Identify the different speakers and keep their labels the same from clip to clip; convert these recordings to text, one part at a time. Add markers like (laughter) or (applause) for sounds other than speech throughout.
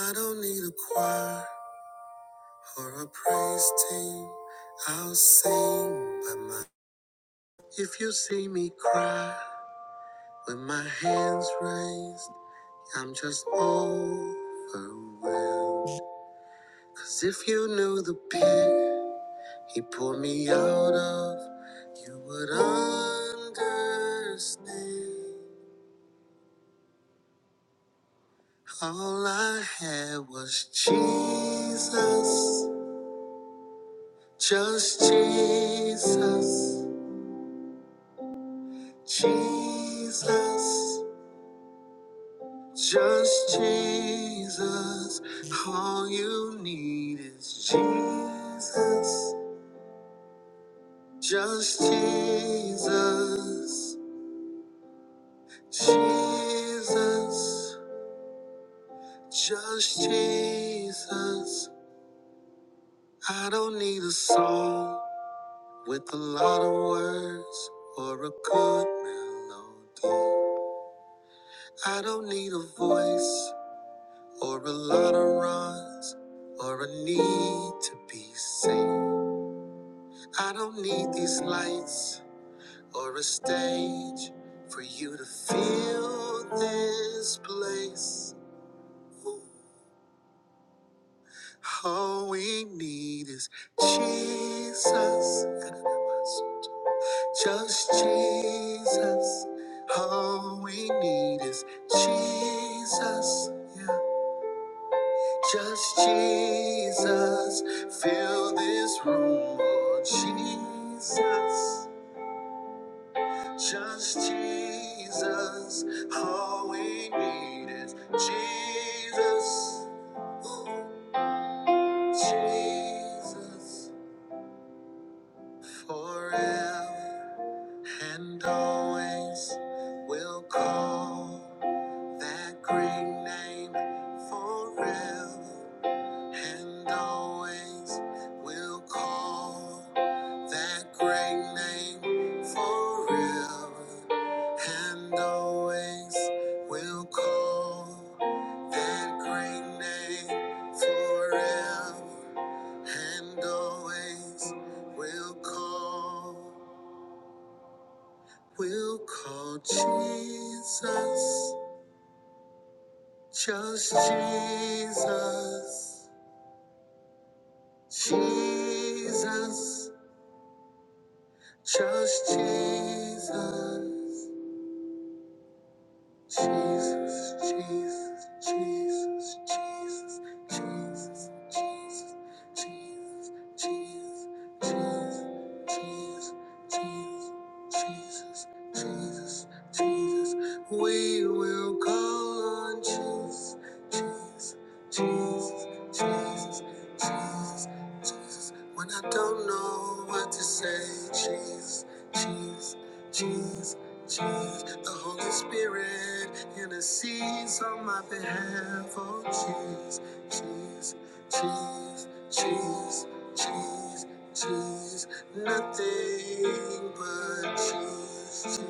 Speaker 1: I don't need a choir or a praise team. I'll sing by my. If you see me cry with my hands raised, I'm just overwhelmed. Cause if you knew the pit He pulled me out of, you would understand. All I had was Jesus, just Jesus, Jesus, just Jesus. All you need is Jesus, just Jesus, Jesus. Just Jesus. I don't need a song with a lot of words or a good melody. I don't need a voice or a lot of runs or a need to be seen. I don't need these lights or a stage for you to feel this place. Ooh. All we need is Jesus. Just Jesus. All we need is Jesus. Yeah. Just Jesus. Fill this room, Lord Jesus. Just Jesus. All we need is Jesus. Ooh, Jesus. Forever. and always we will call that great name forever and always we will call that great name forever and always we will call that great name forever and always we will call We'll call Jesus, just Jesus, Jesus, just Jesus. Jesus, Jesus, Jesus, Jesus, Jesus, Jesus, Jesus, Jesus, Jesus, Jesus, Jesus, Jesus, Jesus. Jesus. We will call on Jesus, Jesus, Jesus, Jesus, Jesus, Jesus. When I don't know what to say, Jesus, Jesus, Jesus. Jesus, the Holy Spirit intercedes on my behalf. Oh, Jesus, Jesus, Jesus, Jesus, Jesus, jeez, nothing but Jesus,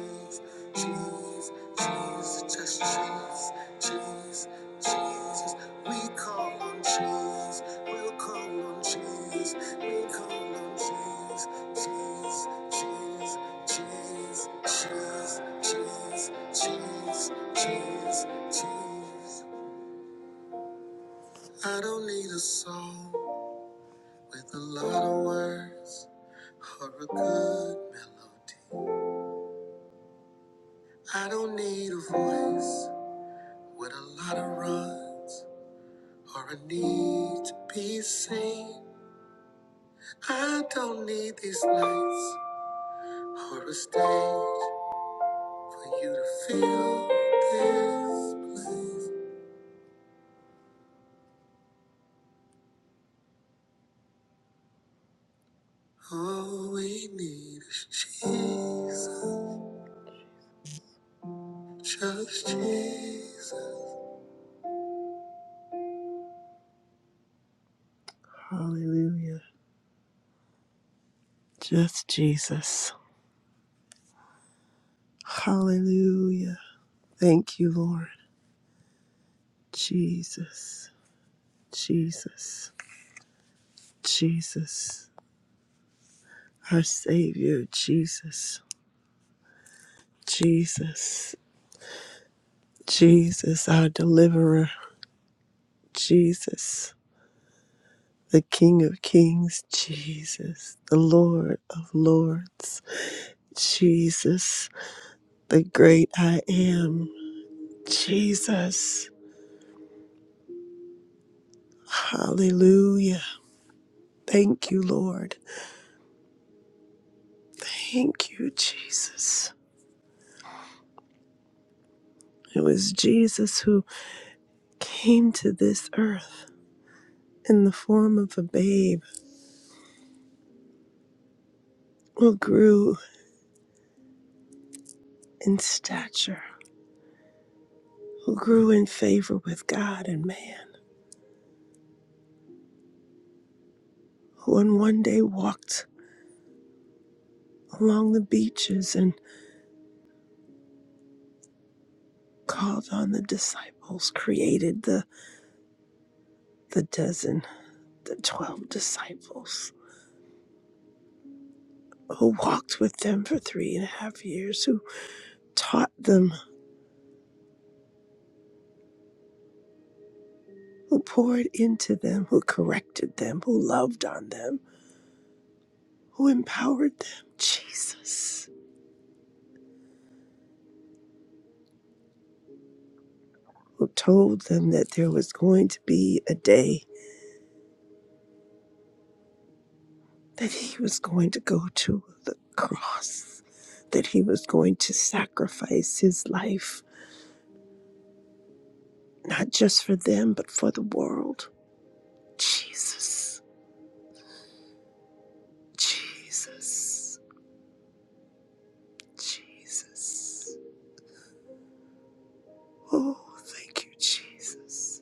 Speaker 1: Jesus, Jesus, jeez, just Jesus, Jesus, Jesus. We call on Jesus. we'll call on Jesus. we call on Jesus cheese, cheese, cheese, cheese, cheese, cheese, cheese, cheese. I don't need a song with a lot of words or a good melody. I don't need a voice with a lot of runs or a need to be seen. I don't need these lights or a stage for you to feel this place. All we need is Jesus, just Jesus. Hallelujah, just Jesus. Hallelujah. Thank you, Lord. Jesus, Jesus, Jesus, our Savior, Jesus, Jesus, Jesus, our deliverer, Jesus, the King of Kings, Jesus, the Lord of Lords, Jesus. the great I am, Jesus. Hallelujah. Thank you, Lord. Thank you, Jesus. It was Jesus who came to this earth in the form of a babe who grew in stature, who grew in favor with God and man, who on one day walked along the beaches and called on the disciples, created the, the dozen, the 12 disciples who walked with them for three and a half years, who taught them, who poured into them, who corrected them, who loved on them, who empowered them. Jesus, who told them that there was going to be a day that he was going to go to the cross, that he was going to sacrifice his life, not just for them, but for the world. Jesus, Jesus, Jesus. Oh, thank you, Jesus.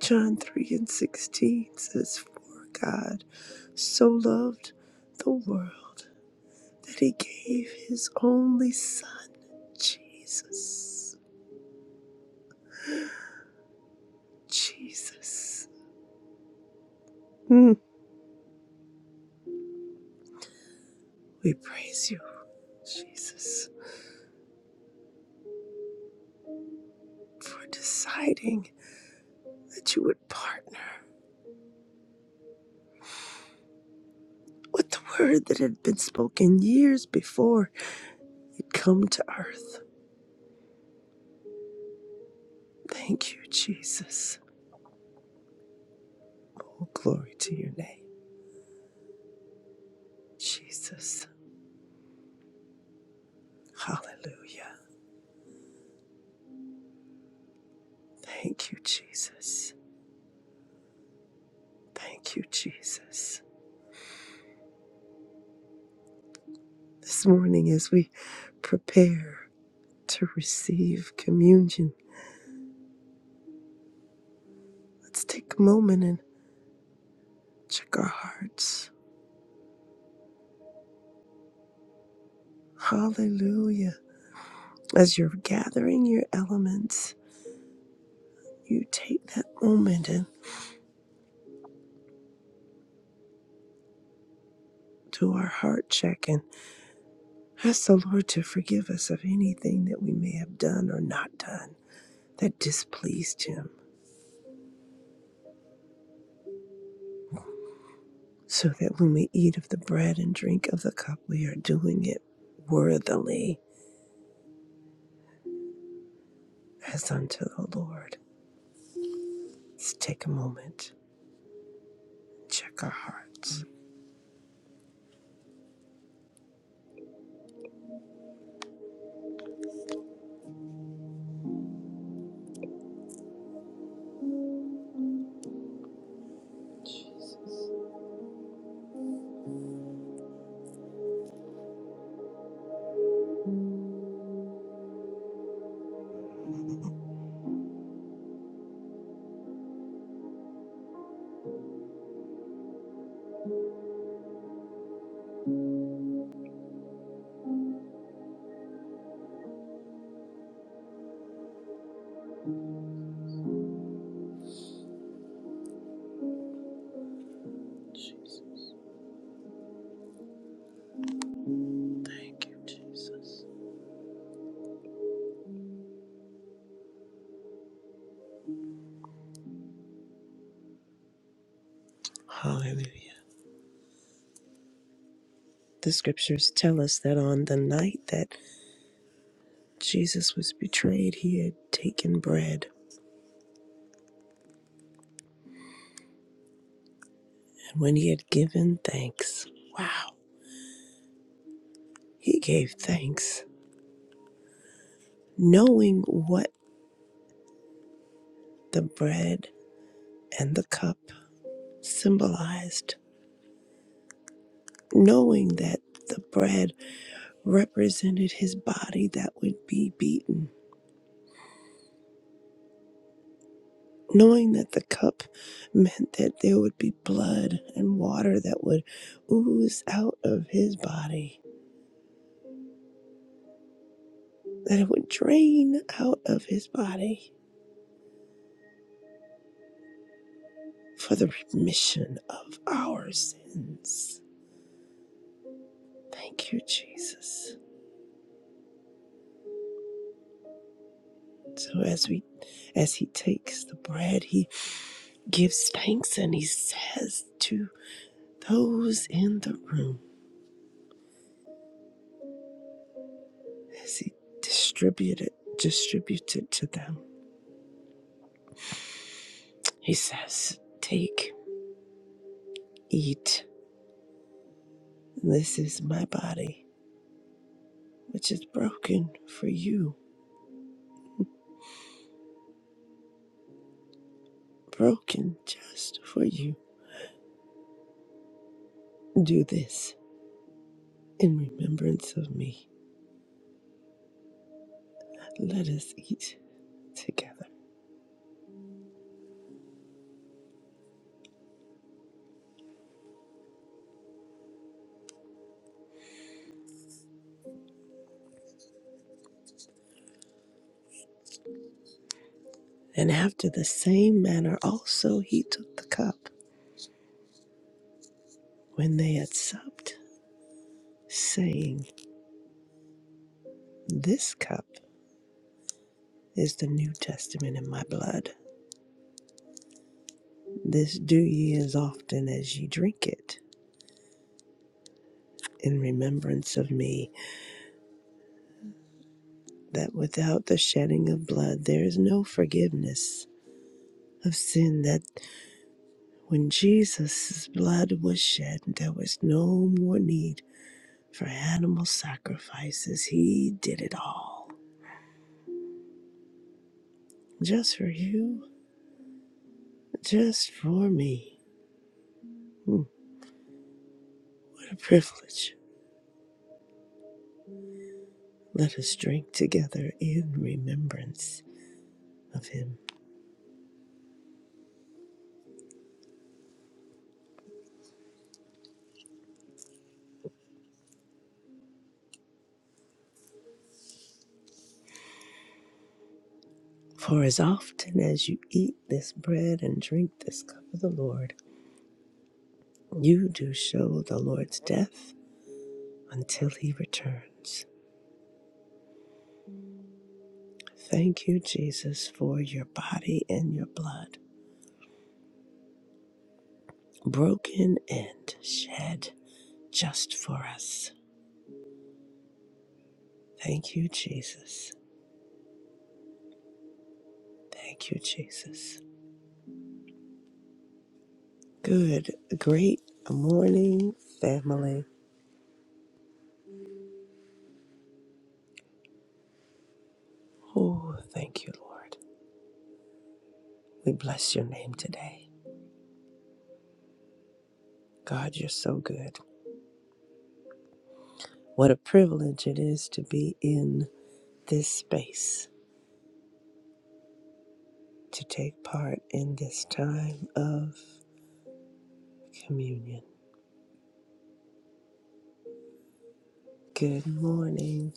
Speaker 1: John 3 and 16 says, For God so loved the world that he gave his only Son, Jesus. Jesus. Mm, we praise you, Jesus, for deciding that you would partner with the word that had been spoken years before it come to earth. Thank you, Jesus. Oh, glory to your name, Jesus. Hallelujah. Thank you, Jesus. Thank you, Jesus. This morning, as we prepare to receive communion, let's take a moment and check our hearts. Hallelujah. As you're gathering your elements, you take that moment and do our heart check and ask the Lord to forgive us of anything that we may have done or not done that displeased Him. so that when we eat of the bread and drink of the cup, we are doing it worthily as unto the Lord. Let's take a moment, check our hearts. Thank you, Jesus. Hallelujah. The scriptures tell us that on the night that Jesus was betrayed, he had taken bread, and when he had given thanks, wow, he gave thanks, knowing what the bread and the cup symbolized, knowing that the bread represented his body that would be beaten, knowing that the cup meant that there would be blood and water that would ooze out of his body, that it would drain out of his body for the remission of our sins. Thank you, Jesus. So as we as he takes the bread, he gives thanks and he says to those in the room. as he distributed distributed to them. He says, Take, eat. This is my body, which is broken for you, broken just for you. Do this in remembrance of me. Let us eat together. And after the same manner also he took the cup when they had supped, saying, This cup is the New Testament in my blood. This do ye as often as ye drink it in remembrance of me, that without the shedding of blood there is no forgiveness of sin, that when Jesus' blood was shed, there was no more need for animal sacrifices. He did it all. Just for you, just for me. Hmm, What a privilege. Let us drink together in remembrance of him. For as often as you eat this bread and drink this cup of the Lord, You do show the Lord's death until he returns. Thank you, Jesus, for your body and your blood, broken and shed just for us. Thank you, Jesus. Thank you, Jesus. Good, great morning, family. Oh, thank you, Lord. We bless your name today. God, you're so good. What a privilege it is to be in this space to take part in this time of communion. Good morning,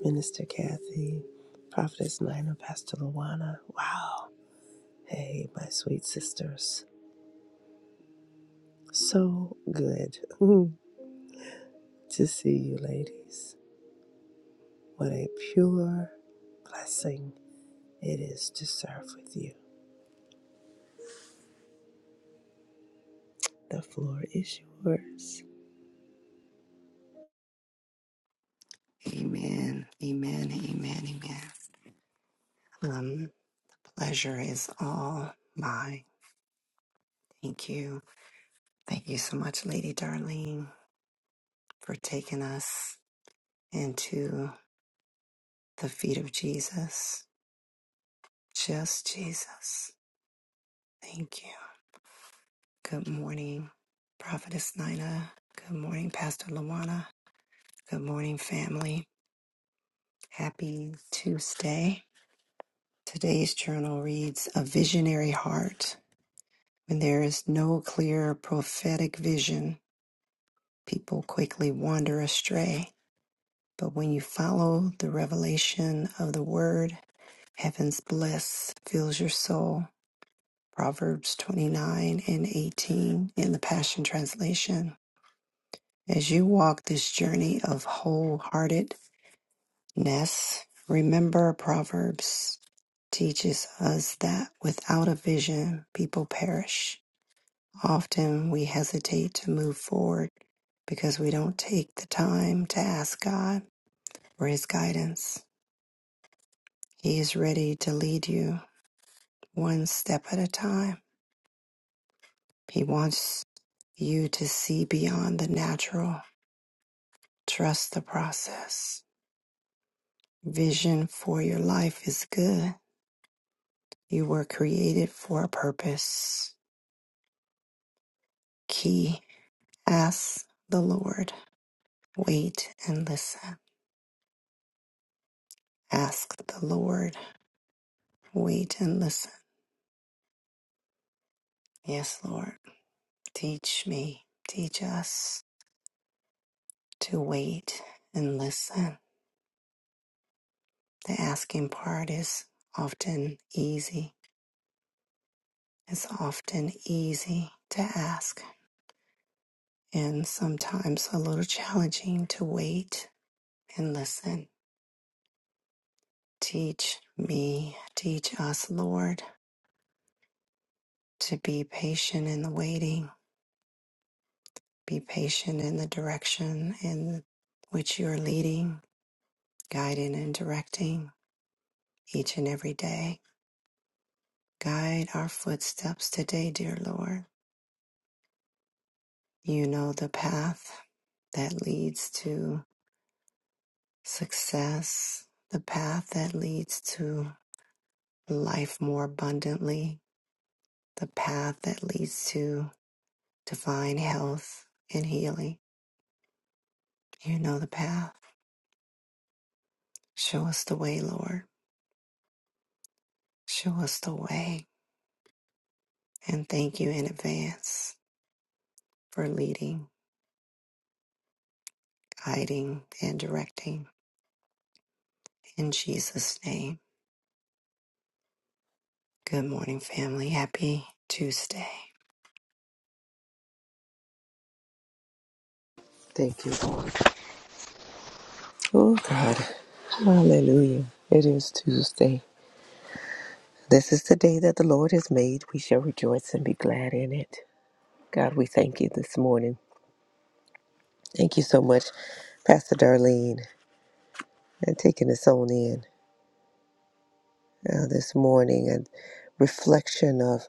Speaker 1: Minister Kathy, Prophetess Nina, Pastor Luana. Wow. Hey, my sweet sisters. So good (laughs) to see you, ladies. What a pure blessing it is to serve with you. The floor is yours.
Speaker 2: Amen. Amen. Amen. Amen. Um, pleasure is all mine. Thank you. Thank you so much, Lady Darlene, for taking us into the feet of Jesus. Just Jesus. Thank you. Good morning, Prophetess Nina. Good morning, Pastor Lawana. Good morning, family. Happy Tuesday. Today's journal reads A Visionary Heart. When there is no clear prophetic vision, People quickly wander astray, but when you follow the revelation of the word, heaven's bliss fills your soul. Proverbs 29 and 18 in the Passion Translation. As you walk this journey of wholeheartedness, remember Proverbs teaches us that without a vision, people perish. Often we hesitate to move forward because we don't take the time to ask God for his guidance. He is ready to lead you one step at a time. He wants you to see beyond the natural. Trust the process. Vision for your life is good. You were created for a purpose. Key Ask the Lord. Wait and listen. Ask the Lord. Wait and listen. Yes, Lord. Teach me. Teach us to wait and listen The asking part is often easy. It's often easy to ask and sometimes a little challenging to wait and listen. Teach me, teach us, Lord, to be patient in the waiting, be patient in the direction in which you're leading, guiding, and directing each and every day. Guide our footsteps today, dear Lord. You know the path that leads to Success, the path that leads to life more abundantly, the path that leads to divine health and healing. You know the path. Show us the way, Lord. Show us the way. And thank you in advance for leading, guiding, and directing. In Jesus' name. Good morning, family. Happy Tuesday.
Speaker 3: Thank you, Lord. Oh, God. Hallelujah. It is Tuesday. This is the day that the Lord has made. We shall rejoice and be glad in it. God, we thank you this morning. Thank you so much, Pastor Darlene, and taking us on in uh, this morning and reflection of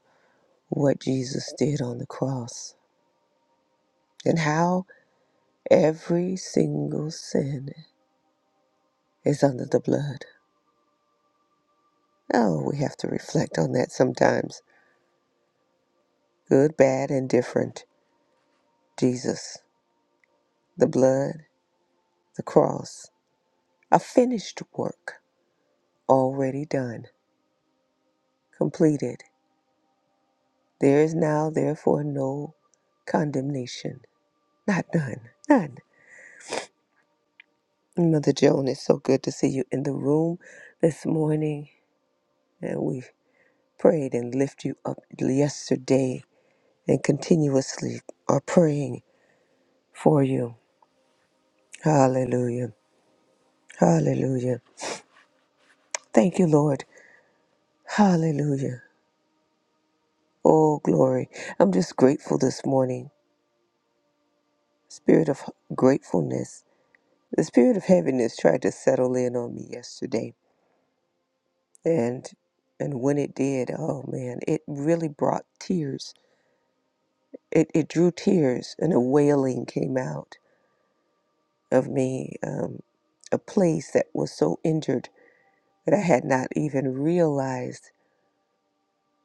Speaker 3: what Jesus did on the cross and how every single sin is under the blood. Oh, we have to reflect on that sometimes. Good, bad, and different. Jesus. the blood, the cross, a finished work already done, completed. There is now, therefore, no condemnation. Not none, none. Mother Joan, it's so good to see you in the room this morning. And we prayed and lift you up yesterday and continuously are praying for you. Hallelujah. Hallelujah. Thank you, Lord. Hallelujah. Oh, glory. I'm just grateful this morning Spirit of gratefulness. The spirit of heaviness tried to settle in on me yesterday. And and when it did, oh man, it really brought tears. It it drew tears and a wailing came out of me. Um, a place that was so injured that I had not even realized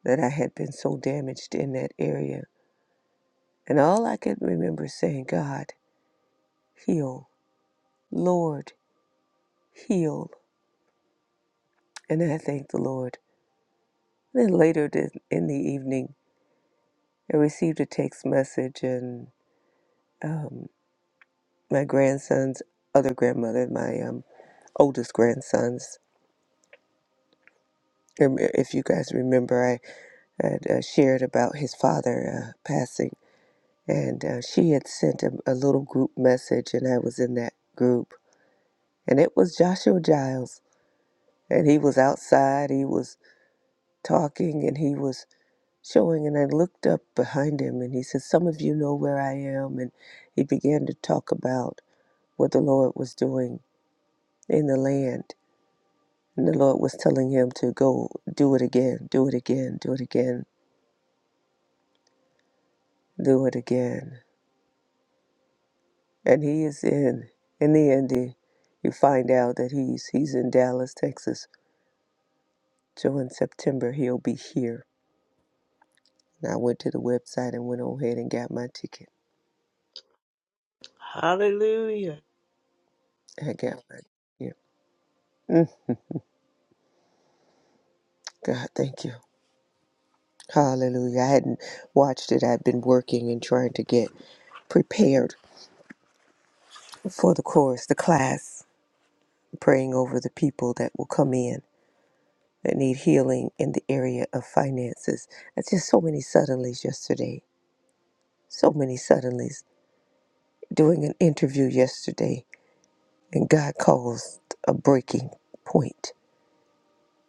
Speaker 3: that I had been so damaged in that area. And all I could remember saying, God, heal. Lord, heal. And I thank the Lord. Then later in the evening, I received a text message, and um, my grandson's other grandmother, my um, oldest grandson's, um, if you guys remember, I had uh, shared about his father uh, passing, and uh, she had sent a, a little group message, and I was in that group, and it was Joshua Giles, and he was outside, he was talking, and he was showing and I looked up behind him and he said, Some of you know where I am. And he began to talk about what the Lord was doing in the land. And the Lord was telling him to go do it again, do it again, do it again, do it again. And he is in. In the end, he, you find out that he's he's in Dallas, Texas. So in September, he'll be here. And I went to the website and went on ahead and got my ticket.
Speaker 1: Hallelujah.
Speaker 3: I got my ticket. Mm, God, thank you. Hallelujah. I hadn't watched it. I've been working and trying to get prepared for the course, the class, praying over the people that will come in that need healing in the area of finances. That's just so many suddenlies yesterday. So many suddenlies. Doing an interview yesterday, and God caused a breaking point.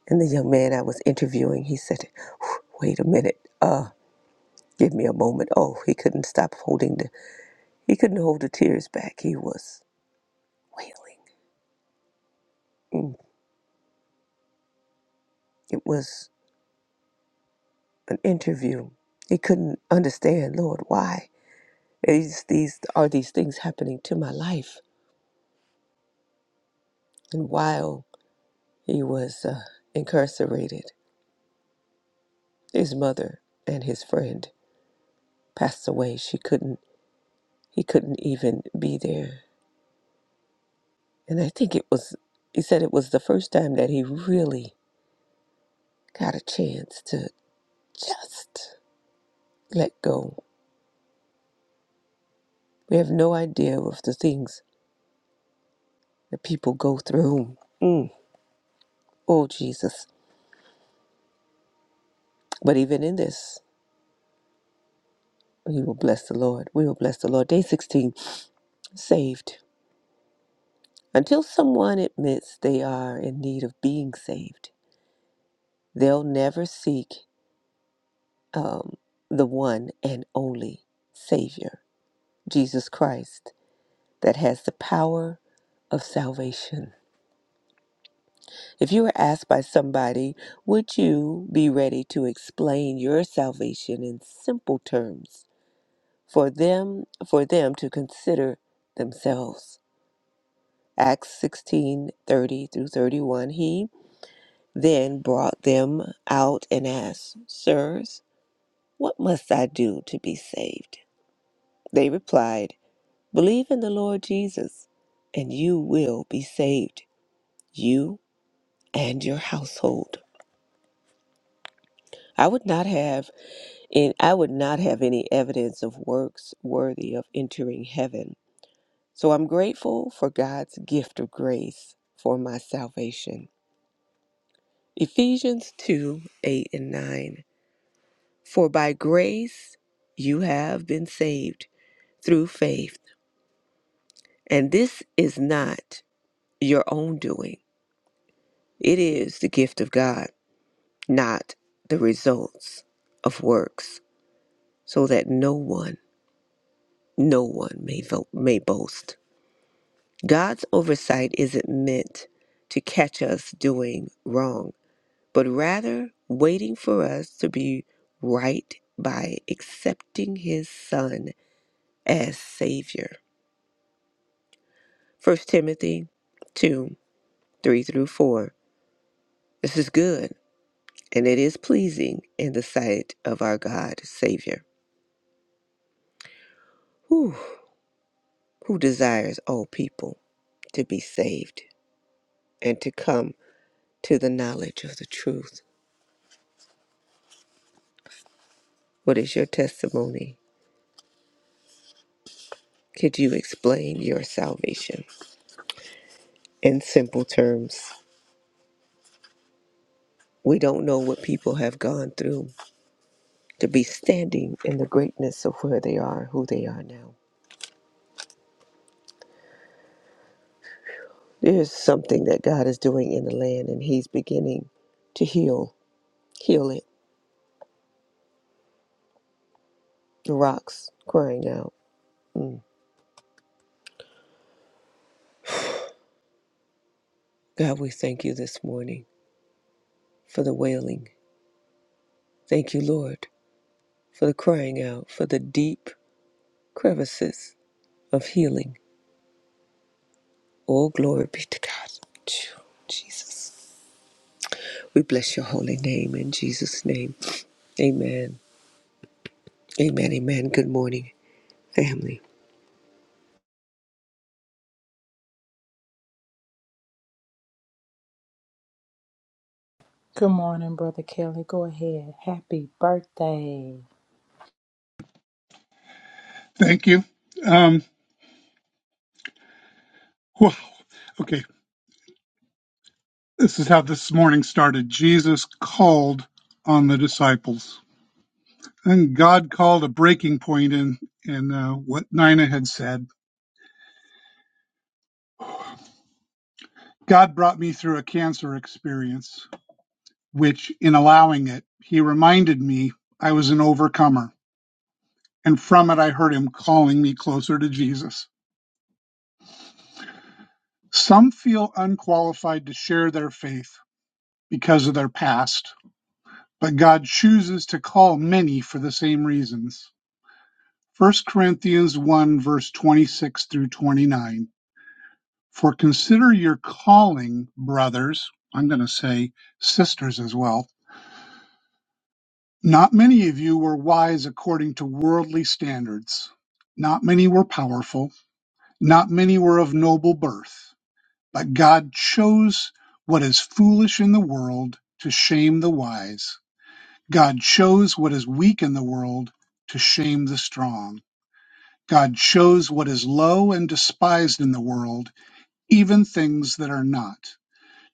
Speaker 3: And the young man I was interviewing, he said, Wait a minute. Uh, give me a moment. Oh, he couldn't stop holding the, he couldn't hold the tears back. He was wailing Mm, It was an interview. He couldn't understand, Lord, why these these are these things happening to my life. And while he was uh, incarcerated, his mother and his friend passed away. She couldn't. He couldn't even be there. And I think it was. He said it was the first time that he really got a chance to just let go. We have no idea of the things that people go through. Mm. Oh, Jesus. But even in this, we will bless the Lord. We will bless the Lord. Day 16, saved. Until someone admits they are in need of being saved, they'll never seek um, the one and only Savior, Jesus Christ, that has the power of salvation. If you were asked by somebody, would you be ready to explain your salvation in simple terms for them for them to consider themselves? Acts sixteen thirty through 31. He then brought them out and asked, Sirs, what must I do to be saved? They replied, Believe in the Lord Jesus, and you will be saved, you and your household. I would not have in I would not have any evidence of works worthy of entering heaven. So I'm grateful for God's gift of grace for my salvation. Ephesians 2, 8 and 9. For by grace you have been saved through faith, and this is not your own doing. It is the gift of God, not the results of works, so that no one, no one may vote, may boast. God's oversight isn't meant to catch us doing wrong, but rather waiting for us to be right by accepting his son as savior. First Timothy 2 3 through 4. This is good, and it is pleasing in the sight of our God, Savior, who, who desires all people to be saved and to come to the knowledge of the truth. What is your testimony? Could you explain your salvation in simple terms? We don't know what people have gone through to be standing in the greatness of where they are, who they are now. There's something that God is doing in the land, and He's beginning to heal, heal it. The rocks crying out. God, we thank you this morning for the wailing. Thank you, Lord, for the crying out, for the deep crevices of healing. All glory be to God. Phew, Jesus. We bless your holy name in Jesus' name. Amen. Amen. Amen. Good morning, family.
Speaker 4: Good morning, Brother Kelly. Go ahead. Happy birthday.
Speaker 5: Thank you. Um, whew, okay, this is how this morning started. Jesus called on the disciples, and God called a breaking point in in uh, what Nina had said. God brought me through a cancer experience, which, in allowing it, He reminded me I was an overcomer, and from it, I heard Him calling me closer to Jesus. Some feel unqualified to share their faith because of their past, but God chooses to call many for the same reasons. First Corinthians one verse twenty-six through twenty-nine. For consider your calling, brothers. I'm going to say sisters as well. Not many of you were wise according to worldly standards. Not many were powerful. Not many were of noble birth. But God chose what is foolish in the world to shame the wise. God chose what is weak in the world to shame the strong. God shows what is low and despised in the world, even things that are not,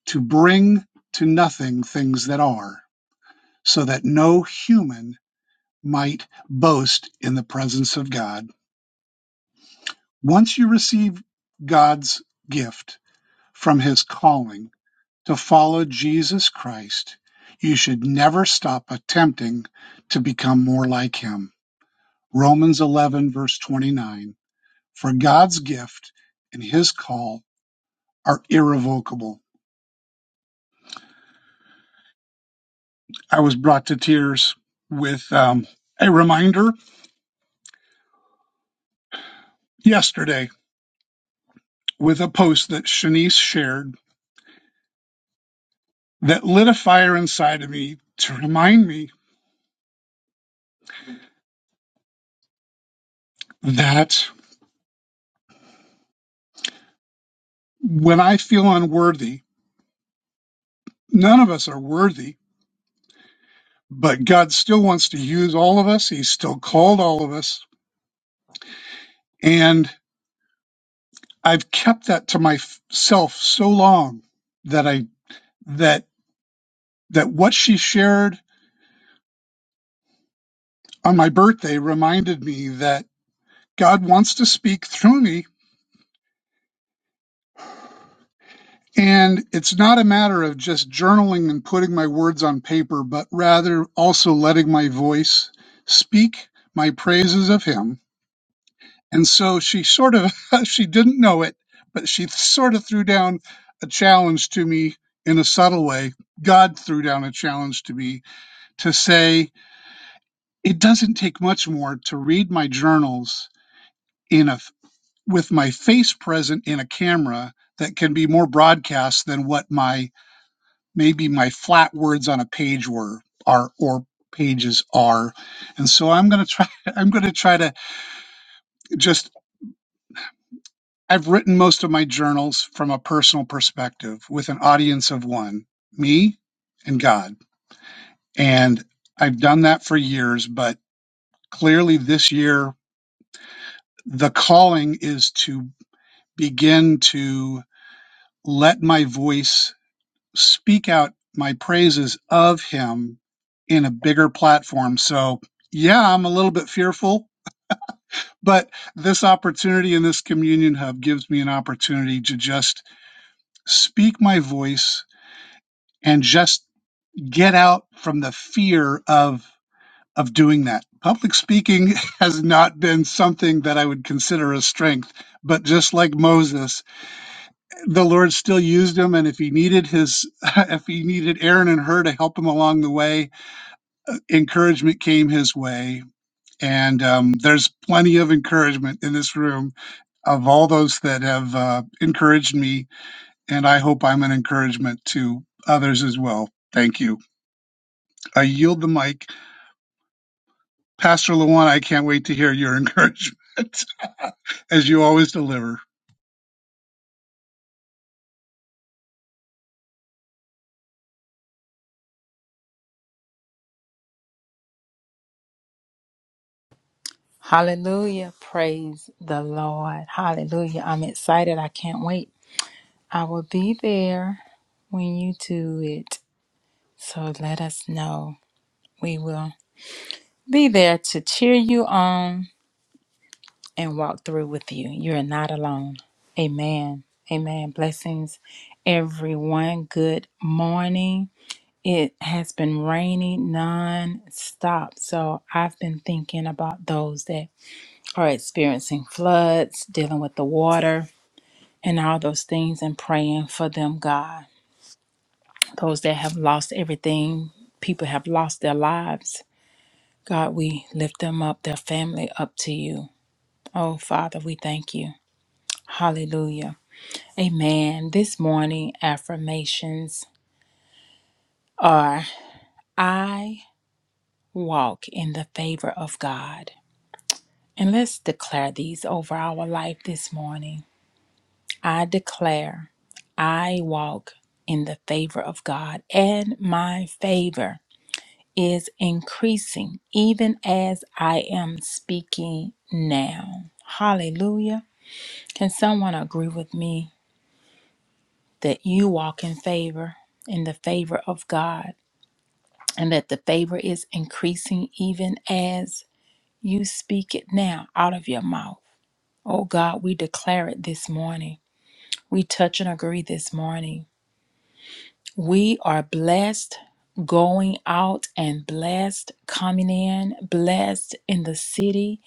Speaker 5: to bring to nothing things that are, so that no human might boast in the presence of God. Once you receive God's gift from his calling to follow Jesus Christ, you should never stop attempting to become more like him. Romans 11, verse 29. For God's gift and his call are irrevocable. I was brought to tears with um, a reminder yesterday with a post that Shanice shared that lit a fire inside of me to remind me that when I feel unworthy, none of us are worthy, but God still wants to use all of us. He's still called all of us. And I've kept that to myself so long that I, that, that what she shared on my birthday reminded me that God wants to speak through me. And it's not a matter of just journaling and putting my words on paper, but rather also letting my voice speak my praises of him. And so she sort of, (laughs) she didn't know it, but she sort of threw down a challenge to me in a subtle way. God threw down a challenge to me to say, it doesn't take much more to read my journals in a with my face present in a camera that can be more broadcast than what my maybe my flat words on a page were are or pages are and so i'm going to try (laughs) i'm going to try to just i've written most of my journals from a personal perspective with an audience of one me and god and i've done that for years but clearly this year the calling is to begin to let my voice speak out my praises of him in a bigger platform. So, yeah, I'm a little bit fearful, but this opportunity in this communion hub gives me an opportunity to just speak my voice and just get out from the fear of of doing that. Public speaking (laughs) has not been something that I would consider a strength, but just like Moses, the Lord still used him and if he needed his (laughs) if he needed Aaron and her to help him along the way, encouragement came his way. And um, there's plenty of encouragement in this room of all those that have uh, encouraged me. And I hope I'm an encouragement to others as well. Thank you. I yield the mic. Pastor Lawan, I can't wait to hear your (laughs) encouragement as you always deliver.
Speaker 4: Hallelujah. Praise the Lord. Hallelujah. I'm excited. I can't wait. I will be there when you do it. So let us know. We will be there to cheer you on and walk through with you. You are not alone. Amen. Amen. Blessings, everyone. Good morning. It has been raining non-stop, so I've been thinking about those that are experiencing floods, dealing with the water, and all those things, and praying for them, God. Those that have lost everything, people have lost their lives. God, we lift them up, their family up to you. Oh, Father, we thank you. Hallelujah. Amen. This morning, affirmations are I walk in the favor of God. And let's declare these over our life this morning. I declare I walk in the favor of God, and my favor is increasing even as I am speaking now. Hallelujah. Can someone agree with me that you walk in favor, in the favor of God, and that the favor is increasing even as you speak it now out of your mouth? Oh God, we declare it this morning We touch and agree this morning. We are blessed going out and blessed coming in, blessed in the city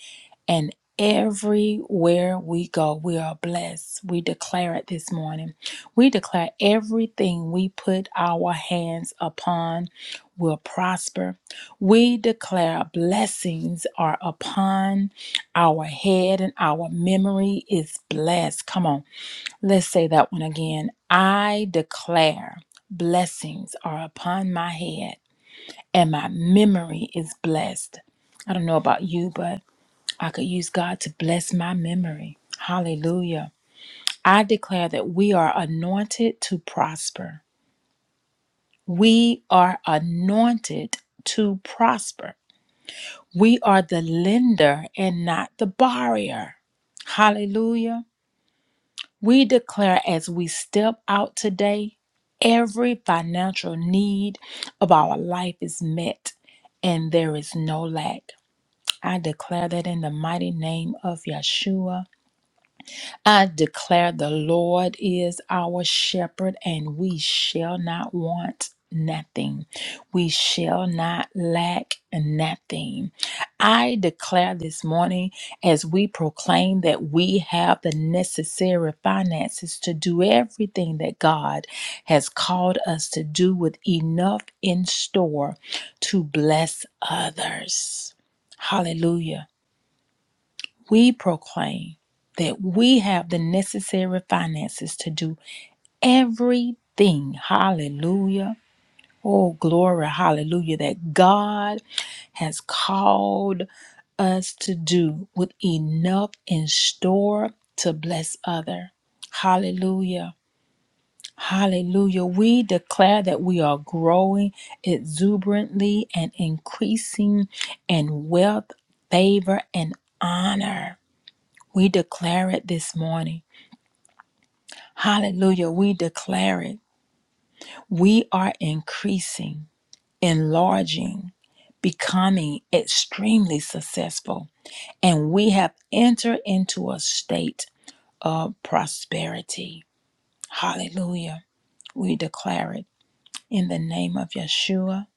Speaker 4: and everywhere we go. We are blessed. We declare it this morning. We declare everything we put our hands upon will prosper. We declare blessings are upon our head and our memory is blessed. Come on. Let's say that one again. I declare blessings are upon my head and my memory is blessed. I don't know about you, but I could use God to bless my memory. Hallelujah. I declare that we are anointed to prosper. We are anointed to prosper. We are the lender and not the borrower. Hallelujah. We declare as we step out today, every financial need of our life is met and there is no lack. I declare that in the mighty name of Yeshua. I declare the Lord is our shepherd, and we shall not want nothing. We shall not lack nothing. I declare this morning as we proclaim that we have the necessary finances to do everything that God has called us to do with enough in store to bless others. Hallelujah we proclaim that we have the necessary finances to do everything. Hallelujah. Oh, glory. Hallelujah. That God has called us to do with enough in store to bless other. Hallelujah. Hallelujah. We declare that we are growing exuberantly and increasing in wealth, favor, and honor. We declare it this morning. Hallelujah. We declare it. We are increasing, enlarging, becoming extremely successful. And we have entered into a state of prosperity. Hallelujah. We declare it in the name of Yeshua.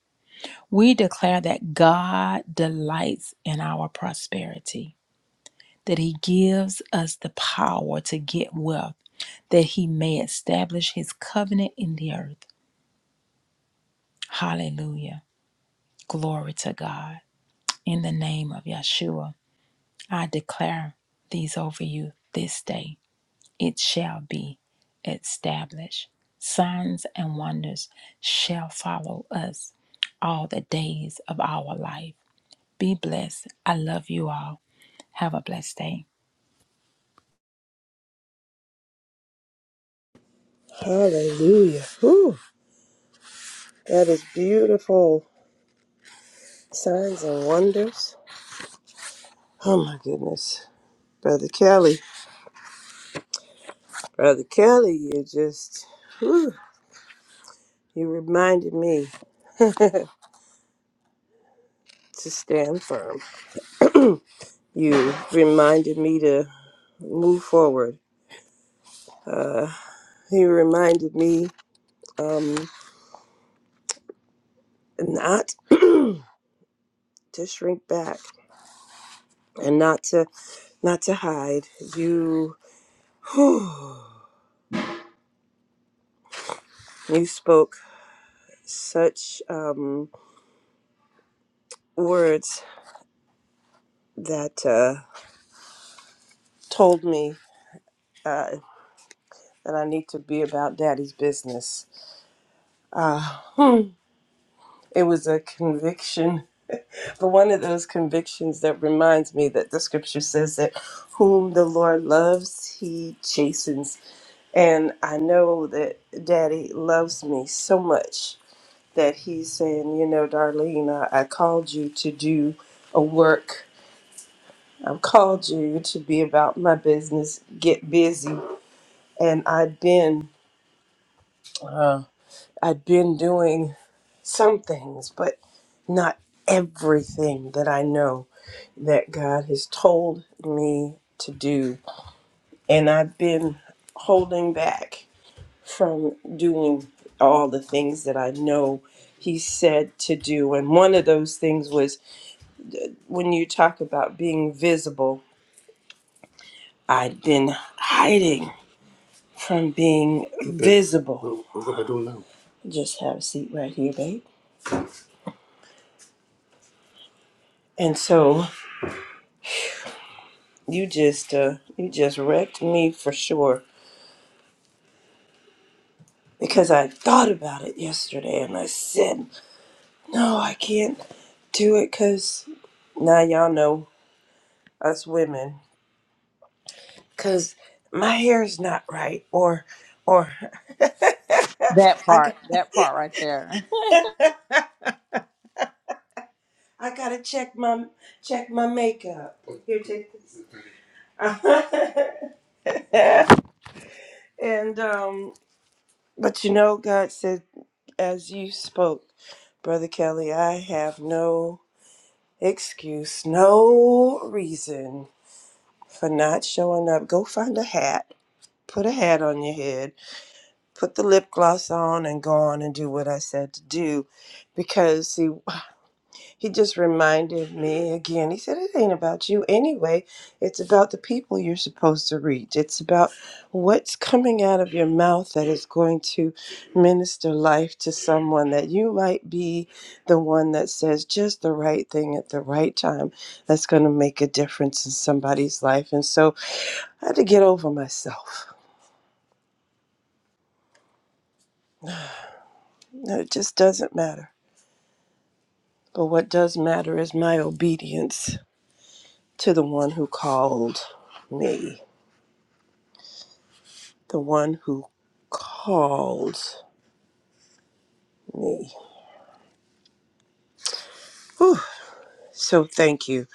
Speaker 4: We declare that God delights in our prosperity. that He gives us the power to get wealth, that He may establish His covenant in the earth. Hallelujah. Glory to God. In the name of Yeshua, I declare these over you this day. It shall be established. Signs and wonders shall follow us all the days of our life. Be blessed. I love you all. Have a blessed day.
Speaker 1: Hallelujah. Whew, that is beautiful. Signs and wonders. Oh my goodness. Brother Kelly. Brother Kelly, you just whew, you reminded me (laughs) to stand firm. You reminded me to move forward. Uh, you reminded me um, not (clears throat) to shrink back and not to not to hide. You whew, you spoke such um, words that uh, told me. Uh, that I need to be about daddy's business. Uh, hmm, it was a conviction, but one of those convictions that reminds me that the scripture says that whom the Lord loves, he chastens. And I know that daddy loves me so much that he's saying, you know, Darlene, I, I called you to do a work. I've called you to be about my business. Get busy. And I've been, uh, I've been doing. some things, but not everything that I know that God has told me to do. And I've been holding back from doing all the things that I know He said to do. And one of those things was when you talk about being visible, I'd been hiding from being Okay. visible. Well, what am I doing now? Just have a seat right here, babe. And so You just uh you just wrecked me for sure because I thought about it yesterday and I said, "No, I can't do it cuz now y'all know us women cuz my hair's not right or or (laughs)
Speaker 4: That
Speaker 1: I
Speaker 4: part,
Speaker 1: g-
Speaker 4: that part right there.
Speaker 1: I got to check my check my makeup. Here take this. (laughs) and um but you know God said as you spoke, brother Kelly, I have no excuse, no reason for not showing up. Go find a hat, put a hat on your head, put the lip gloss on, and go on and do what I said to do. Because, see, he just reminded me again. He said, It ain't about you anyway. It's about the people you're supposed to reach. It's about what's coming out of your mouth that is going to minister life to someone that you might be the one that says just the right thing at the right time that's going to make a difference in somebody's life. And so I had to get over myself. No, It just doesn't matter. But what does matter is my obedience to the one who called me. the one who called me. Whew. So thank you,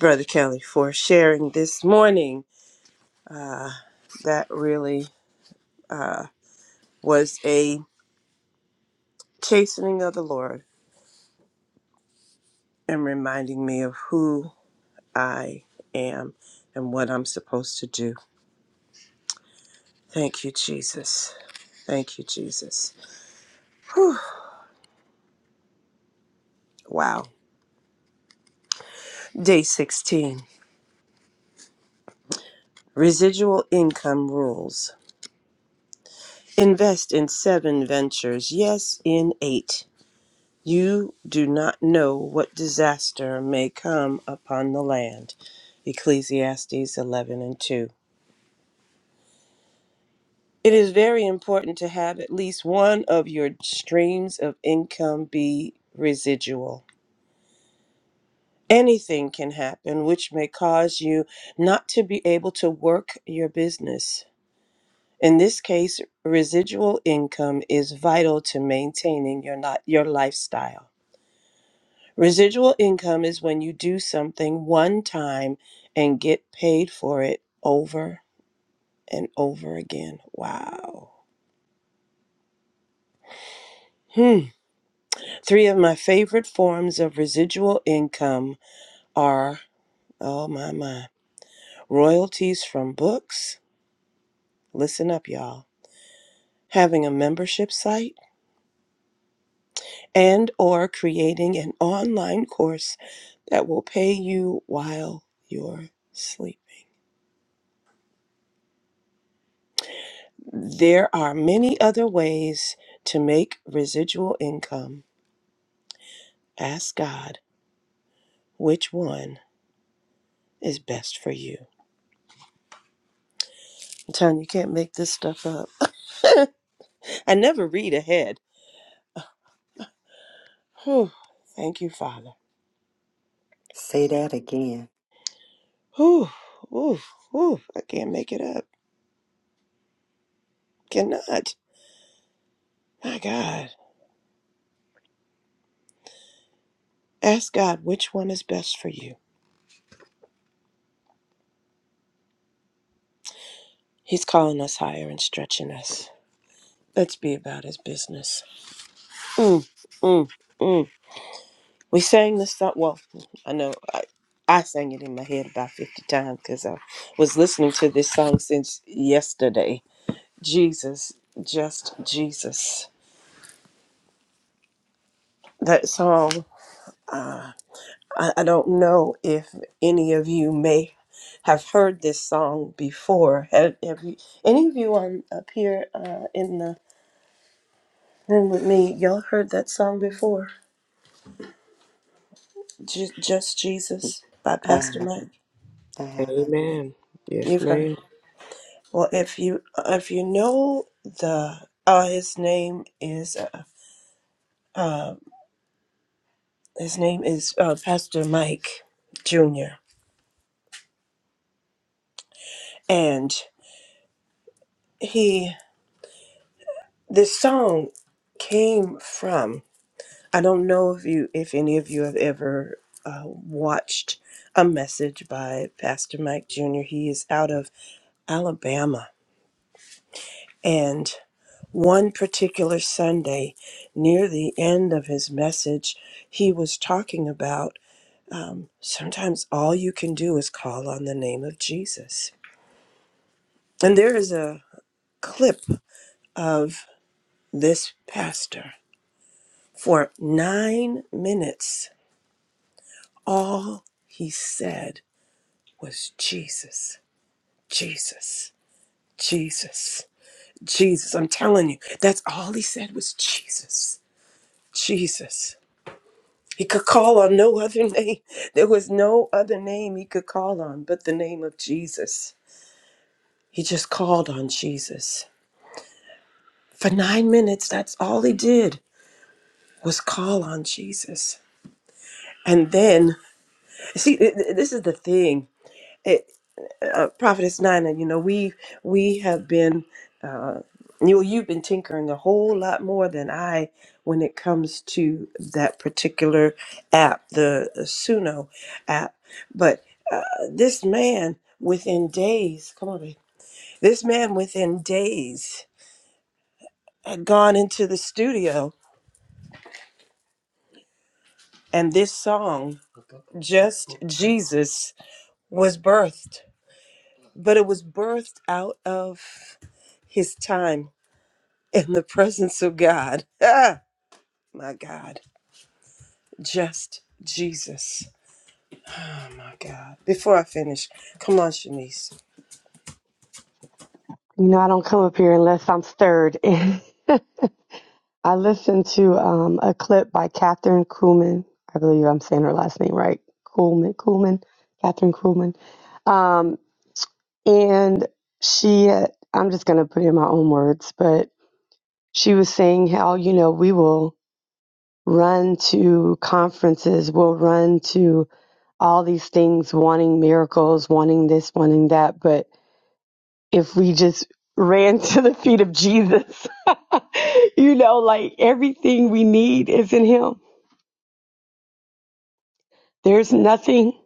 Speaker 1: Brother Kelly, for sharing this morning. Uh, that really uh, was a chastening of the Lord and reminding me of who I am and what I'm supposed to do. Thank you, Jesus. Thank you, Jesus. Whew. Wow. Day 16 Residual Income Rules. Invest in seven ventures, yes, in eight You do not know what disaster may come upon the land. Ecclesiastes 11 and 2. It is very important to have at least one of your streams of income be residual. Anything can happen which may cause you not to be able to work your business. In this case, residual income is vital to maintaining your, not, your lifestyle. Residual income is when you do something one time and get paid for it over and over again. Wow. Hmm. Three of my favorite forms of residual income are, oh my, my, royalties from books. Listen up, y'all. Having a membership site and or creating an online course that will pay you while you're asleep. There are many other ways to make residual income. Ask God which one is best for you. I'm telling you, you can't make this stuff up. I never read ahead. Whew. Thank you, Father.
Speaker 2: Say that again.
Speaker 1: Whew. Whew. Whew. I can't make it up. Cannot. My God. Ask God which one is best for you. He's calling us higher and stretching us. Let's be about his business. Mm, mm, mm. We sang this song. Well, I know I, I sang it in my head about 50 times because I was listening to this song since yesterday. Jesus, just Jesus. That song, I, I don't know if any of you may have heard this song before. Have, have you, any of you on up here uh, in the room with me, y'all heard that song before? Ju- just
Speaker 2: I
Speaker 1: Jesus by Pastor
Speaker 2: haven't.
Speaker 1: Mike?
Speaker 2: I haven't.
Speaker 3: Amen. Yes,
Speaker 1: You've heard.
Speaker 3: ma'am.
Speaker 1: Well, if you if you know the uh, his name is uh, uh, his name is uh, Pastor Mike Jr. and he this song came from I don't know if you if any of you have ever uh, watched a message by Pastor Mike Jr. He is out of Alabama and one particular Sunday near the end of his message he was talking about. Um, sometimes all you can do is call on the name of Jesus. And there is a clip of this pastor for nine minutes. All he said was Jesus, Jesus, Jesus, Jesus. I'm telling you, that's all he said was Jesus, Jesus. He could call on no other (laughs) name. There was no other name he could call on but the name of Jesus. He just called on Jesus For nine minutes, that's all he did was call on Jesus. And then, see, th- th- this is the thing. It, uh, Prophetess Nina, you know, we we have been, you you've been tinkering a whole lot more than I when it comes to that particular app, the Suno app. But uh, this man, within days, come on, babe. This man, within days, had gone into the studio, and this song, "Just Jesus," was birthed, but it was birthed out of his time in the presence of God. Ah, my God, just Jesus. Oh my God. Before I finish, come on, Shanice.
Speaker 6: You know, I don't come up here unless I'm stirred. (laughs) I listened to um, a clip by Catherine Kuhlman. I believe I'm saying her last name right. Kuhlman, Kuhlman, Catherine Kuhlman. Um, and she, had, I'm just going to put in my own words, but she was saying how, you know, we will run to conferences, we'll run to all these things, wanting miracles, wanting this, wanting that. But if we just ran (laughs) to the feet of Jesus. (laughs) you know, like everything we need is in Him. There's nothing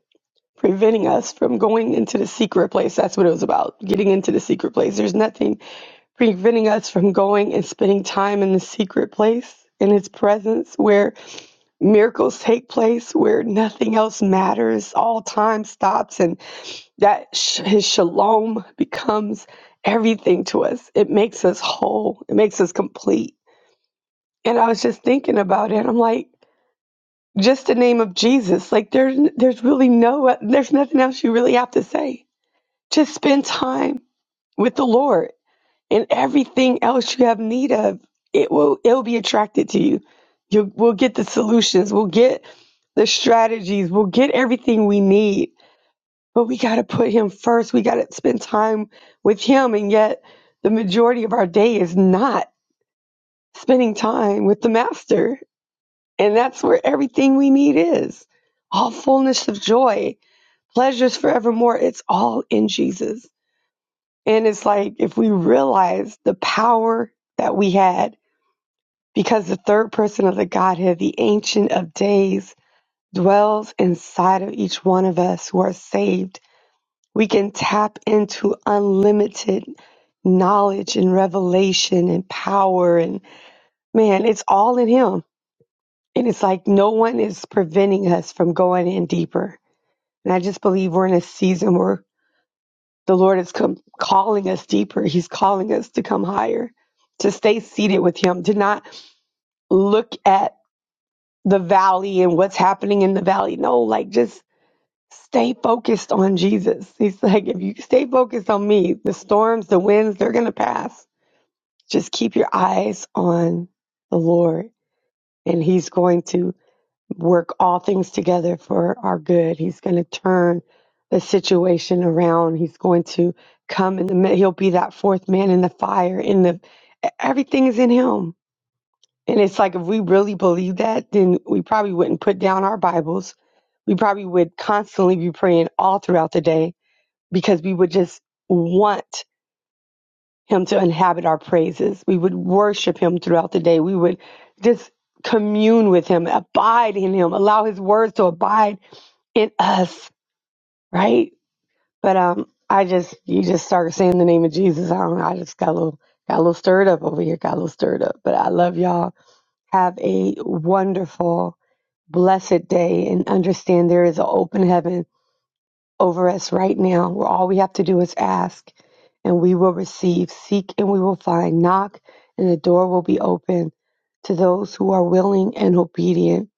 Speaker 6: preventing us from going into the secret place. That's what it was about, getting into the secret place. There's nothing preventing us from going and spending time in the secret place. In his presence, where miracles take place, where nothing else matters, all time stops, and. that sh- his shalom becomes everything to us. It makes us whole. It makes us complete. And I was just thinking about it. I'm like, just the name of Jesus. Like there's there's really no there's nothing else you really have to say. Just spend time with the Lord, and everything else you have need of, it will it will be attracted to you. You will we'll get the solutions. We'll get the strategies. We'll get everything we need but we got to put him first. We got to spend time with him. And yet, the majority of our day is not spending time with the master. And that's where everything we need is all fullness of joy, pleasures forevermore. It's all in Jesus. And it's like if we realize the power that we had because the third person of the Godhead, the Ancient of Days, dwells inside of each one of us who are saved We can tap into unlimited knowledge and revelation and power. And man, it's all in Him. And it's like no one is preventing us from going in deeper. And I just believe we're in a season where the Lord is come calling us deeper. He's calling us to come higher, to stay seated with Him, to not look at the valley and what's happening in the valley. No, like just Stay focused on Jesus. He's like, if you stay focused on me, the storms, the winds, they're going to pass. Just keep your eyes on the Lord, and He's going to work all things together for our good. He's going to turn the situation around. He's going to come in the mid- He'll be that fourth man in the fire. In the e-, everything is in Him, and it's like if we really believe that, then we probably wouldn't put down our Bibles. We probably would constantly be praying all throughout the day because we would just want him to inhabit our praises. We would worship him throughout the day. We would just commune with him, abide in him, allow his words to abide in us, right? But um I just you just started saying the name of Jesus. I don't know. I just got a little got a little stirred up over here, got a little stirred up. But I love y'all. Have a wonderful, blessed day and understand there is an open heaven over us right now, where all we have to do is ask and we will receive, seek and we will find, knock and the door will be open to those who are willing and obedient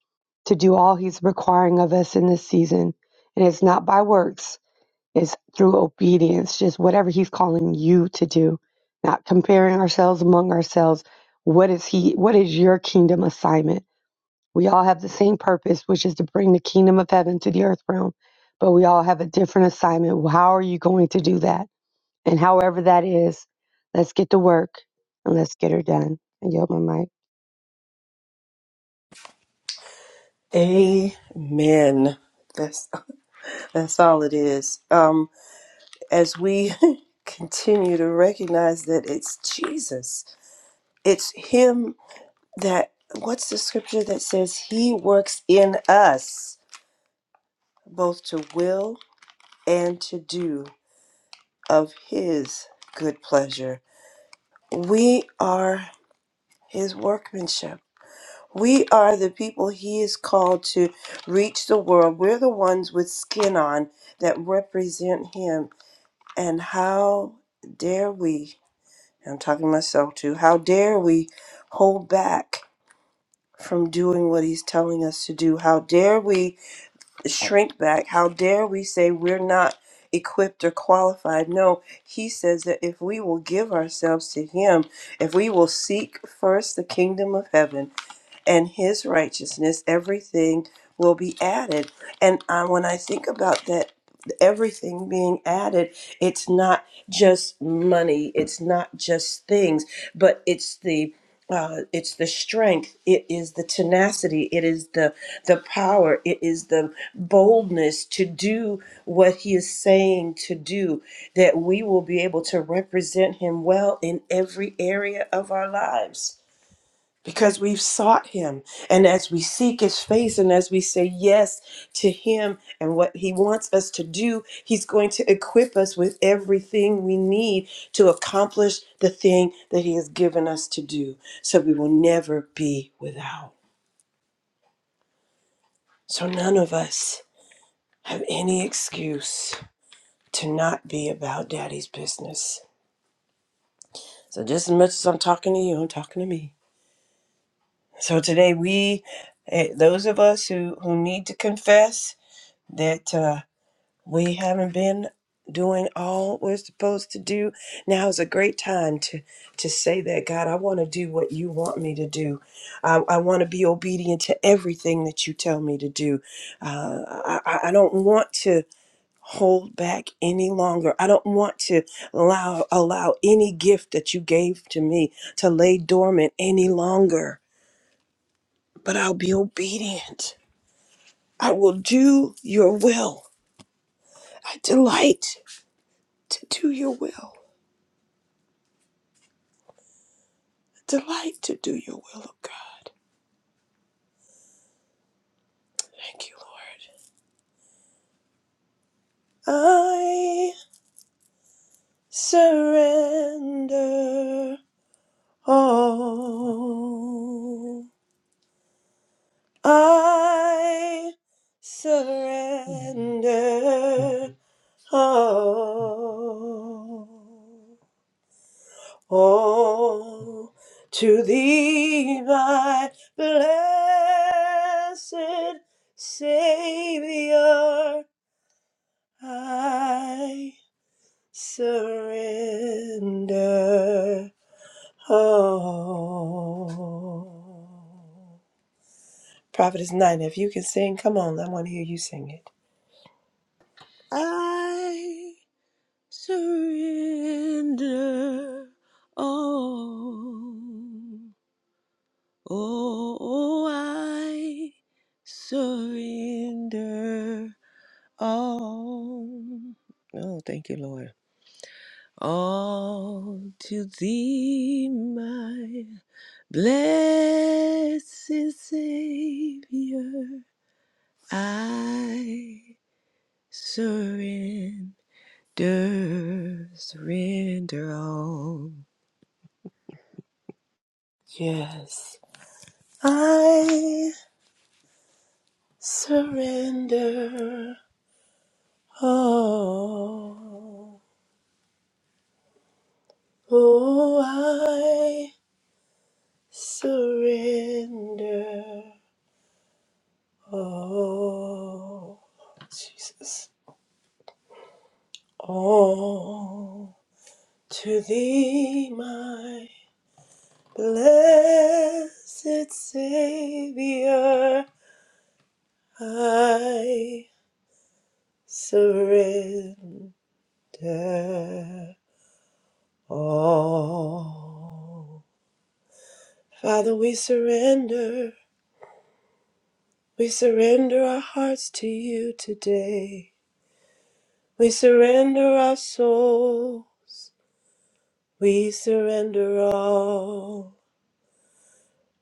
Speaker 6: to do all He's requiring of us in this season. And it's not by works, it's through obedience, just whatever He's calling you to do, not comparing ourselves among ourselves. What is He, what is your kingdom assignment? We all have the same purpose, which is to bring the kingdom of heaven to the earth realm, but we all have a different assignment. Well, How are you going to do that? And however that is, let's get to work and let's get her done. And yield my mic.
Speaker 1: Amen. That's (laughs) that's all it is. Um, as we (laughs) continue to recognize that it's Jesus, it's Him that. What's the scripture that says He works in us both to will and to do of His good pleasure. We are His workmanship. We are the people He is called to reach the world. We're the ones with skin on that represent Him. And how dare we, I'm talking to myself too, how dare we hold back from doing what He's telling us to do? How dare we? shrink back. How dare we say we're not equipped or qualified? No, he says that if we will give ourselves to him, if we will seek first the kingdom of heaven, and his righteousness, everything will be added. And uh, when I think about that, everything being added, it's not just money, it's not just things, but it's the uh, it's the strength it is the tenacity it is the the power it is the boldness to do what he is saying to do that we will be able to represent him well in every area of our lives because we've sought him and as we seek his face and as we say yes to him and what he wants us to do he's going to equip us with everything we need to accomplish the thing that he has given us to do so we will never be without so none of us have any excuse to not be about daddy's business so just as much as i'm talking to you i'm talking to me so today we eh, those of us who who need to confess that uh, we haven't been doing all we're supposed to do. Now is a great time to to say that God, I want to do what you want me to do. I, I want to be obedient to everything that you tell me to do. Uh, I, I I don't want to hold back any longer. I don't want to allow allow any gift that you gave to me to lay dormant any longer. But I'll be obedient. I will do your will. I delight. to do your will. Delight to do your will, O God. Thank you, Lord. I surrender all. I surrender all. All to thee, my blessed Savior. I surrender all. Prophetess Nina, if you can sing, come on, I want to hear you sing it.
Speaker 3: I. surrender all. Oh, I surrender all. Oh, thank you, Lord. All to thee, my blessed Savior, I surrender, surrender all.
Speaker 1: Yes. I surrender all. Oh, I surrender all. Jesus. All. To thee, my blessed Savior, I surrender all. Father, we surrender. We surrender our hearts to you today. We surrender our souls. We surrender all.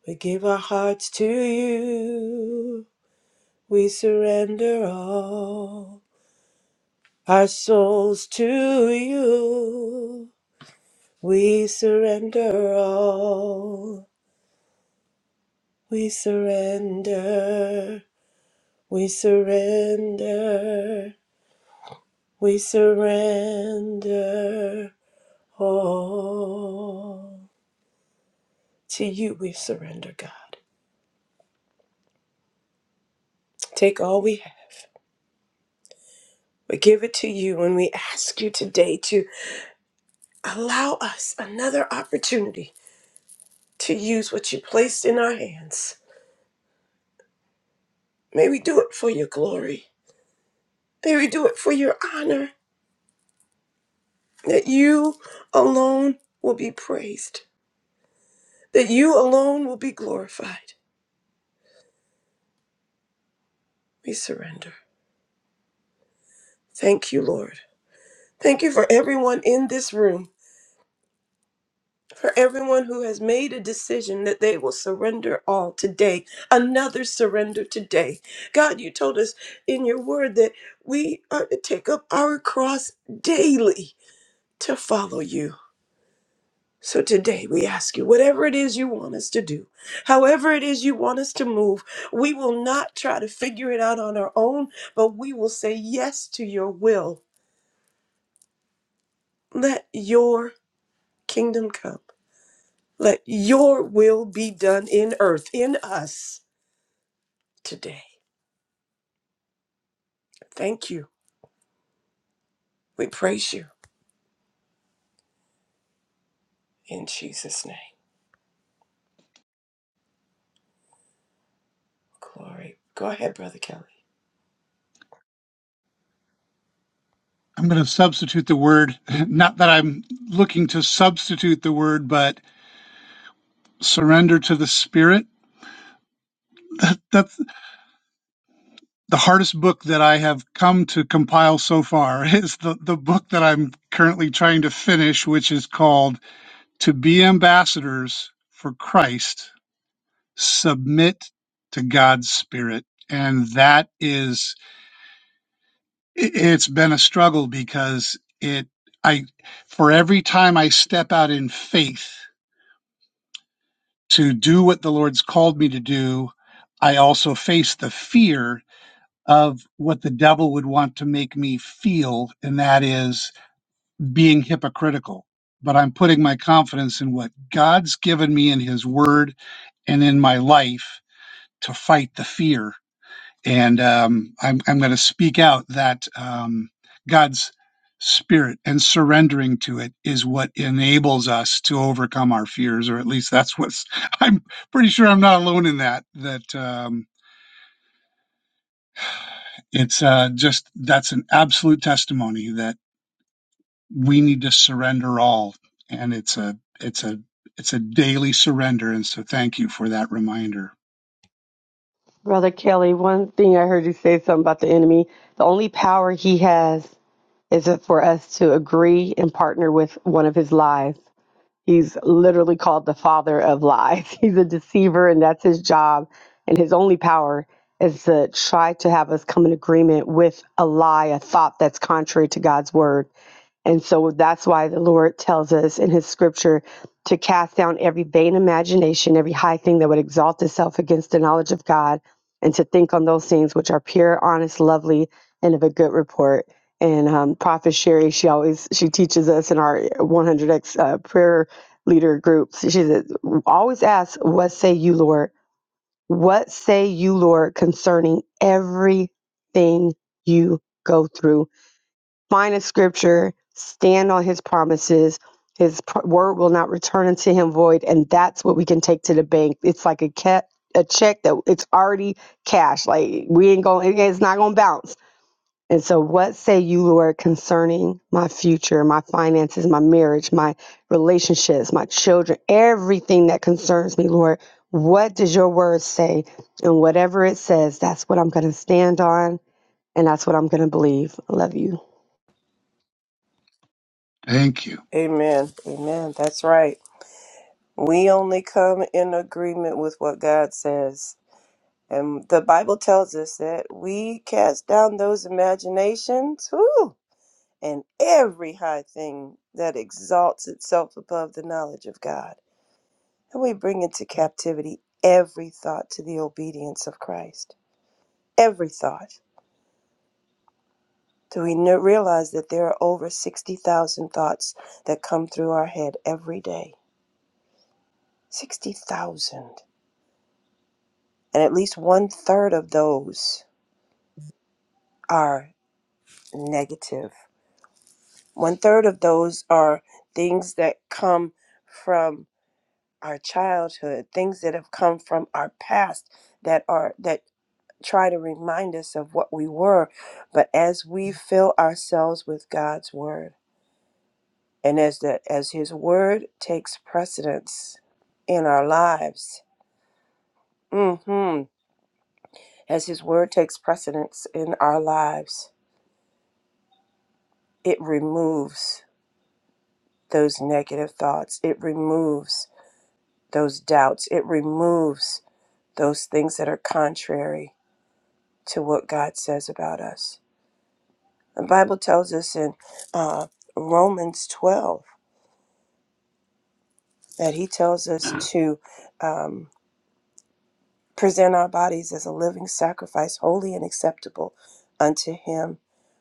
Speaker 1: We give our hearts to you. We surrender all our souls to you. We surrender all. We surrender. We surrender. We surrender all. To you we surrender, God. Take all we have. We give it to you and we ask you today to allow us another opportunity to use what you placed in our hands. May we do it for your glory. May we do it for your honor, that you alone will be praised, that you alone will be glorified. We surrender. Thank you, Lord. Thank you for everyone in this room, for everyone who has made a decision that they will surrender all today, another surrender today. God, you told us in your word that we are to take up our cross daily to follow you. So today we ask you, whatever it is you want us to do, however it is you want us to move, we will not try to figure it out on our own, but we will say yes to your will. Let your kingdom come. Let your will be done in earth, in us today. Thank you. We praise you in Jesus' name. Glory. Go ahead, Brother Kelly.
Speaker 5: I'm going to substitute the word, (laughs) not that I'm looking to substitute the word, but surrender to the Spirit. That the hardest book that I have come to compile so far (laughs) is the, the book that I'm currently trying to finish, which is called To Be Ambassadors for Christ, Submit to God's Spirit. And that is, i- it's been a struggle because it, I, for every time I step out in faith to do what the Lord's called me to do, I also face the fear of what the devil would want to make me feel, and that is being hypocritical. But I'm putting my confidence in what God's given me in His Word and in my life to fight the fear. And um, I'm, I'm going to speak out that um, God's Spirit and surrendering to it is what enables us to overcome our fears, or at least that's what's. (laughs) I'm pretty sure I'm not alone in that. That um, it's uh, just that's an absolute testimony that. we need to surrender all and it's a it's a it's a daily surrender and so thank you for that reminder
Speaker 6: Brother Kelly, one thing I heard you say something about the enemy. The only power he has is for us to agree and partner with one of his lies. He's literally called the father of lies. (laughs) He's a deceiver, and that's his job. And his only power is to try to have us come in agreement with a lie, a thought that's contrary to God's word. And so that's why the Lord tells us in his scripture to cast down every vain imagination, every high thing that would exalt itself against the knowledge of God, and to think on those things which are pure, honest, lovely, and of a good report. And um, Prophet Sherry, she always she teaches us in our 100x uh, prayer leader groups. She says, always ask, "What say you, Lord? What say you, Lord, concerning everything you go through?" Find a scripture, stand on his promises. His pr- word will not return unto him void, and that's what we can take to the bank. It's like a cat, a check that it's already cash. Like we ain't going, it's not going to bounce. And so, what say you, Lord, concerning my future, my finances, my marriage, my relationships, my children, everything that concerns me, Lord? What does your word say? And whatever it says, that's what I'm going to stand on, and that's what I'm going to believe. I love you.
Speaker 5: thank you
Speaker 1: Amen. Amen. That's right. We only come in agreement with what God says. And the Bible tells us that we cast down those imaginations whew, and every high thing that exalts itself above the knowledge of God. And we bring into captivity every thought to the obedience of Christ. Every thought. Do we kn- realize that there are over 60,000 thoughts that come through our head every day? 60,000. And at least one third of those are negative One third of those are things that come from our childhood, things that have come from our past that are that try to remind us of what we were. But as we fill ourselves with God's word, and as the as His word takes precedence in our lives, hmm as His word takes precedence in our lives, it removes those negative thoughts. It removes those doubts. It removes those things that are contrary to what God says about us. The Bible tells us in uh, Romans 12 that He tells us to um, present our bodies as a living sacrifice, holy and acceptable unto Him,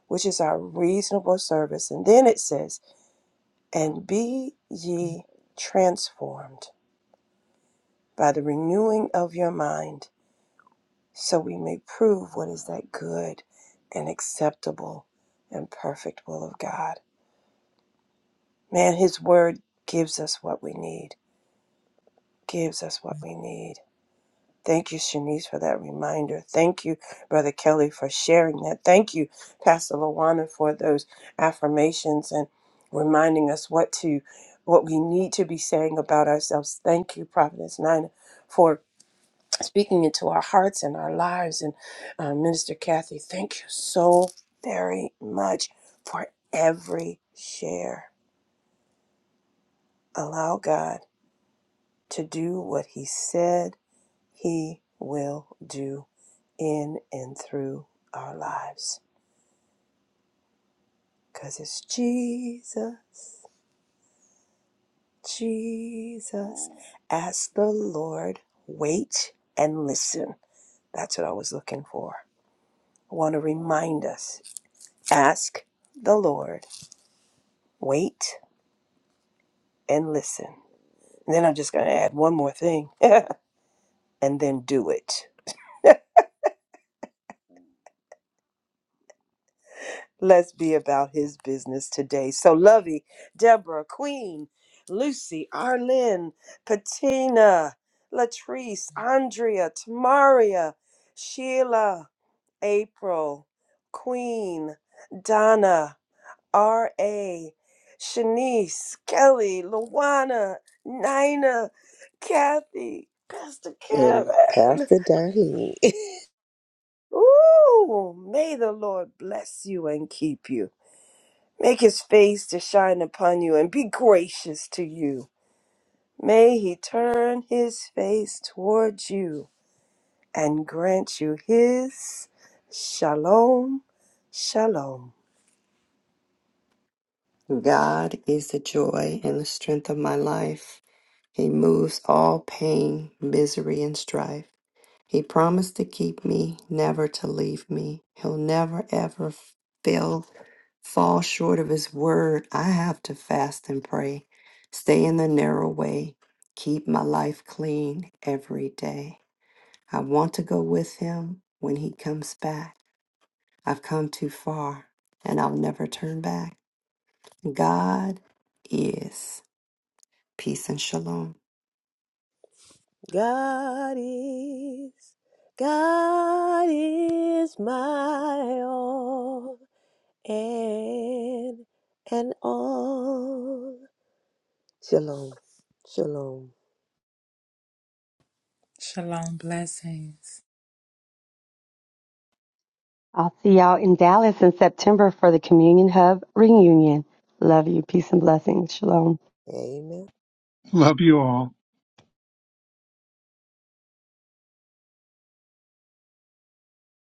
Speaker 1: which is our reasonable service. And then it says, And be ye transformed by the renewing of your mind so we may prove what is that good and acceptable and perfect will of God. Man, His Word gives us what we need, gives us what we need. Thank you, Shanice, for that reminder. Thank you, Brother Kelly, for sharing that. Thank you, Pastor Lawana, for those affirmations and reminding us what to what we need to be saying about ourselves. Thank you, Providence Nine, for speaking into our hearts and our lives. And uh, Minister Kathy, thank you so very much for every share. Allow God to do what He said He will do in and through our lives. Because it's Jesus, Jesus. Ask the Lord, wait and listen. That's what I was looking for. I want to remind us ask the Lord Wait and listen. And then I'm just going to add one more thing (laughs) and then do it. Let's be about his business today. So, Lovey, Deborah, Queen, Lucy, Arlene, Patina, Latrice, Andrea, Tamaria, Sheila, April, Queen, Donna, R.A., Shanice, Kelly, Luana, Nina, Kathy, Pastor
Speaker 3: And
Speaker 1: Kevin.
Speaker 3: Pastor Darlene.
Speaker 1: Ooh, may the Lord bless you and keep you. Make his face to shine upon you and be gracious to you. May he turn his face towards you and grant you his shalom, shalom.
Speaker 2: God is the joy and the strength of my life. He moves all pain, misery, and strife. He promised to keep me, never to leave me. He'll never ever fail, fall short of his word. I have to fast and pray, stay in the narrow way, keep my life clean every day. I want to go with him when he comes back. I've come too far and I'll never turn back. God is. Peace and shalom.
Speaker 3: (laughs) God is, God is my all and and all. Shalom, shalom.
Speaker 4: Shalom. Blessings.
Speaker 6: I'll see y'all in Dallas in September for the Communion Hub reunion. Love you. Peace and blessings. Shalom.
Speaker 3: Amen.
Speaker 5: love you all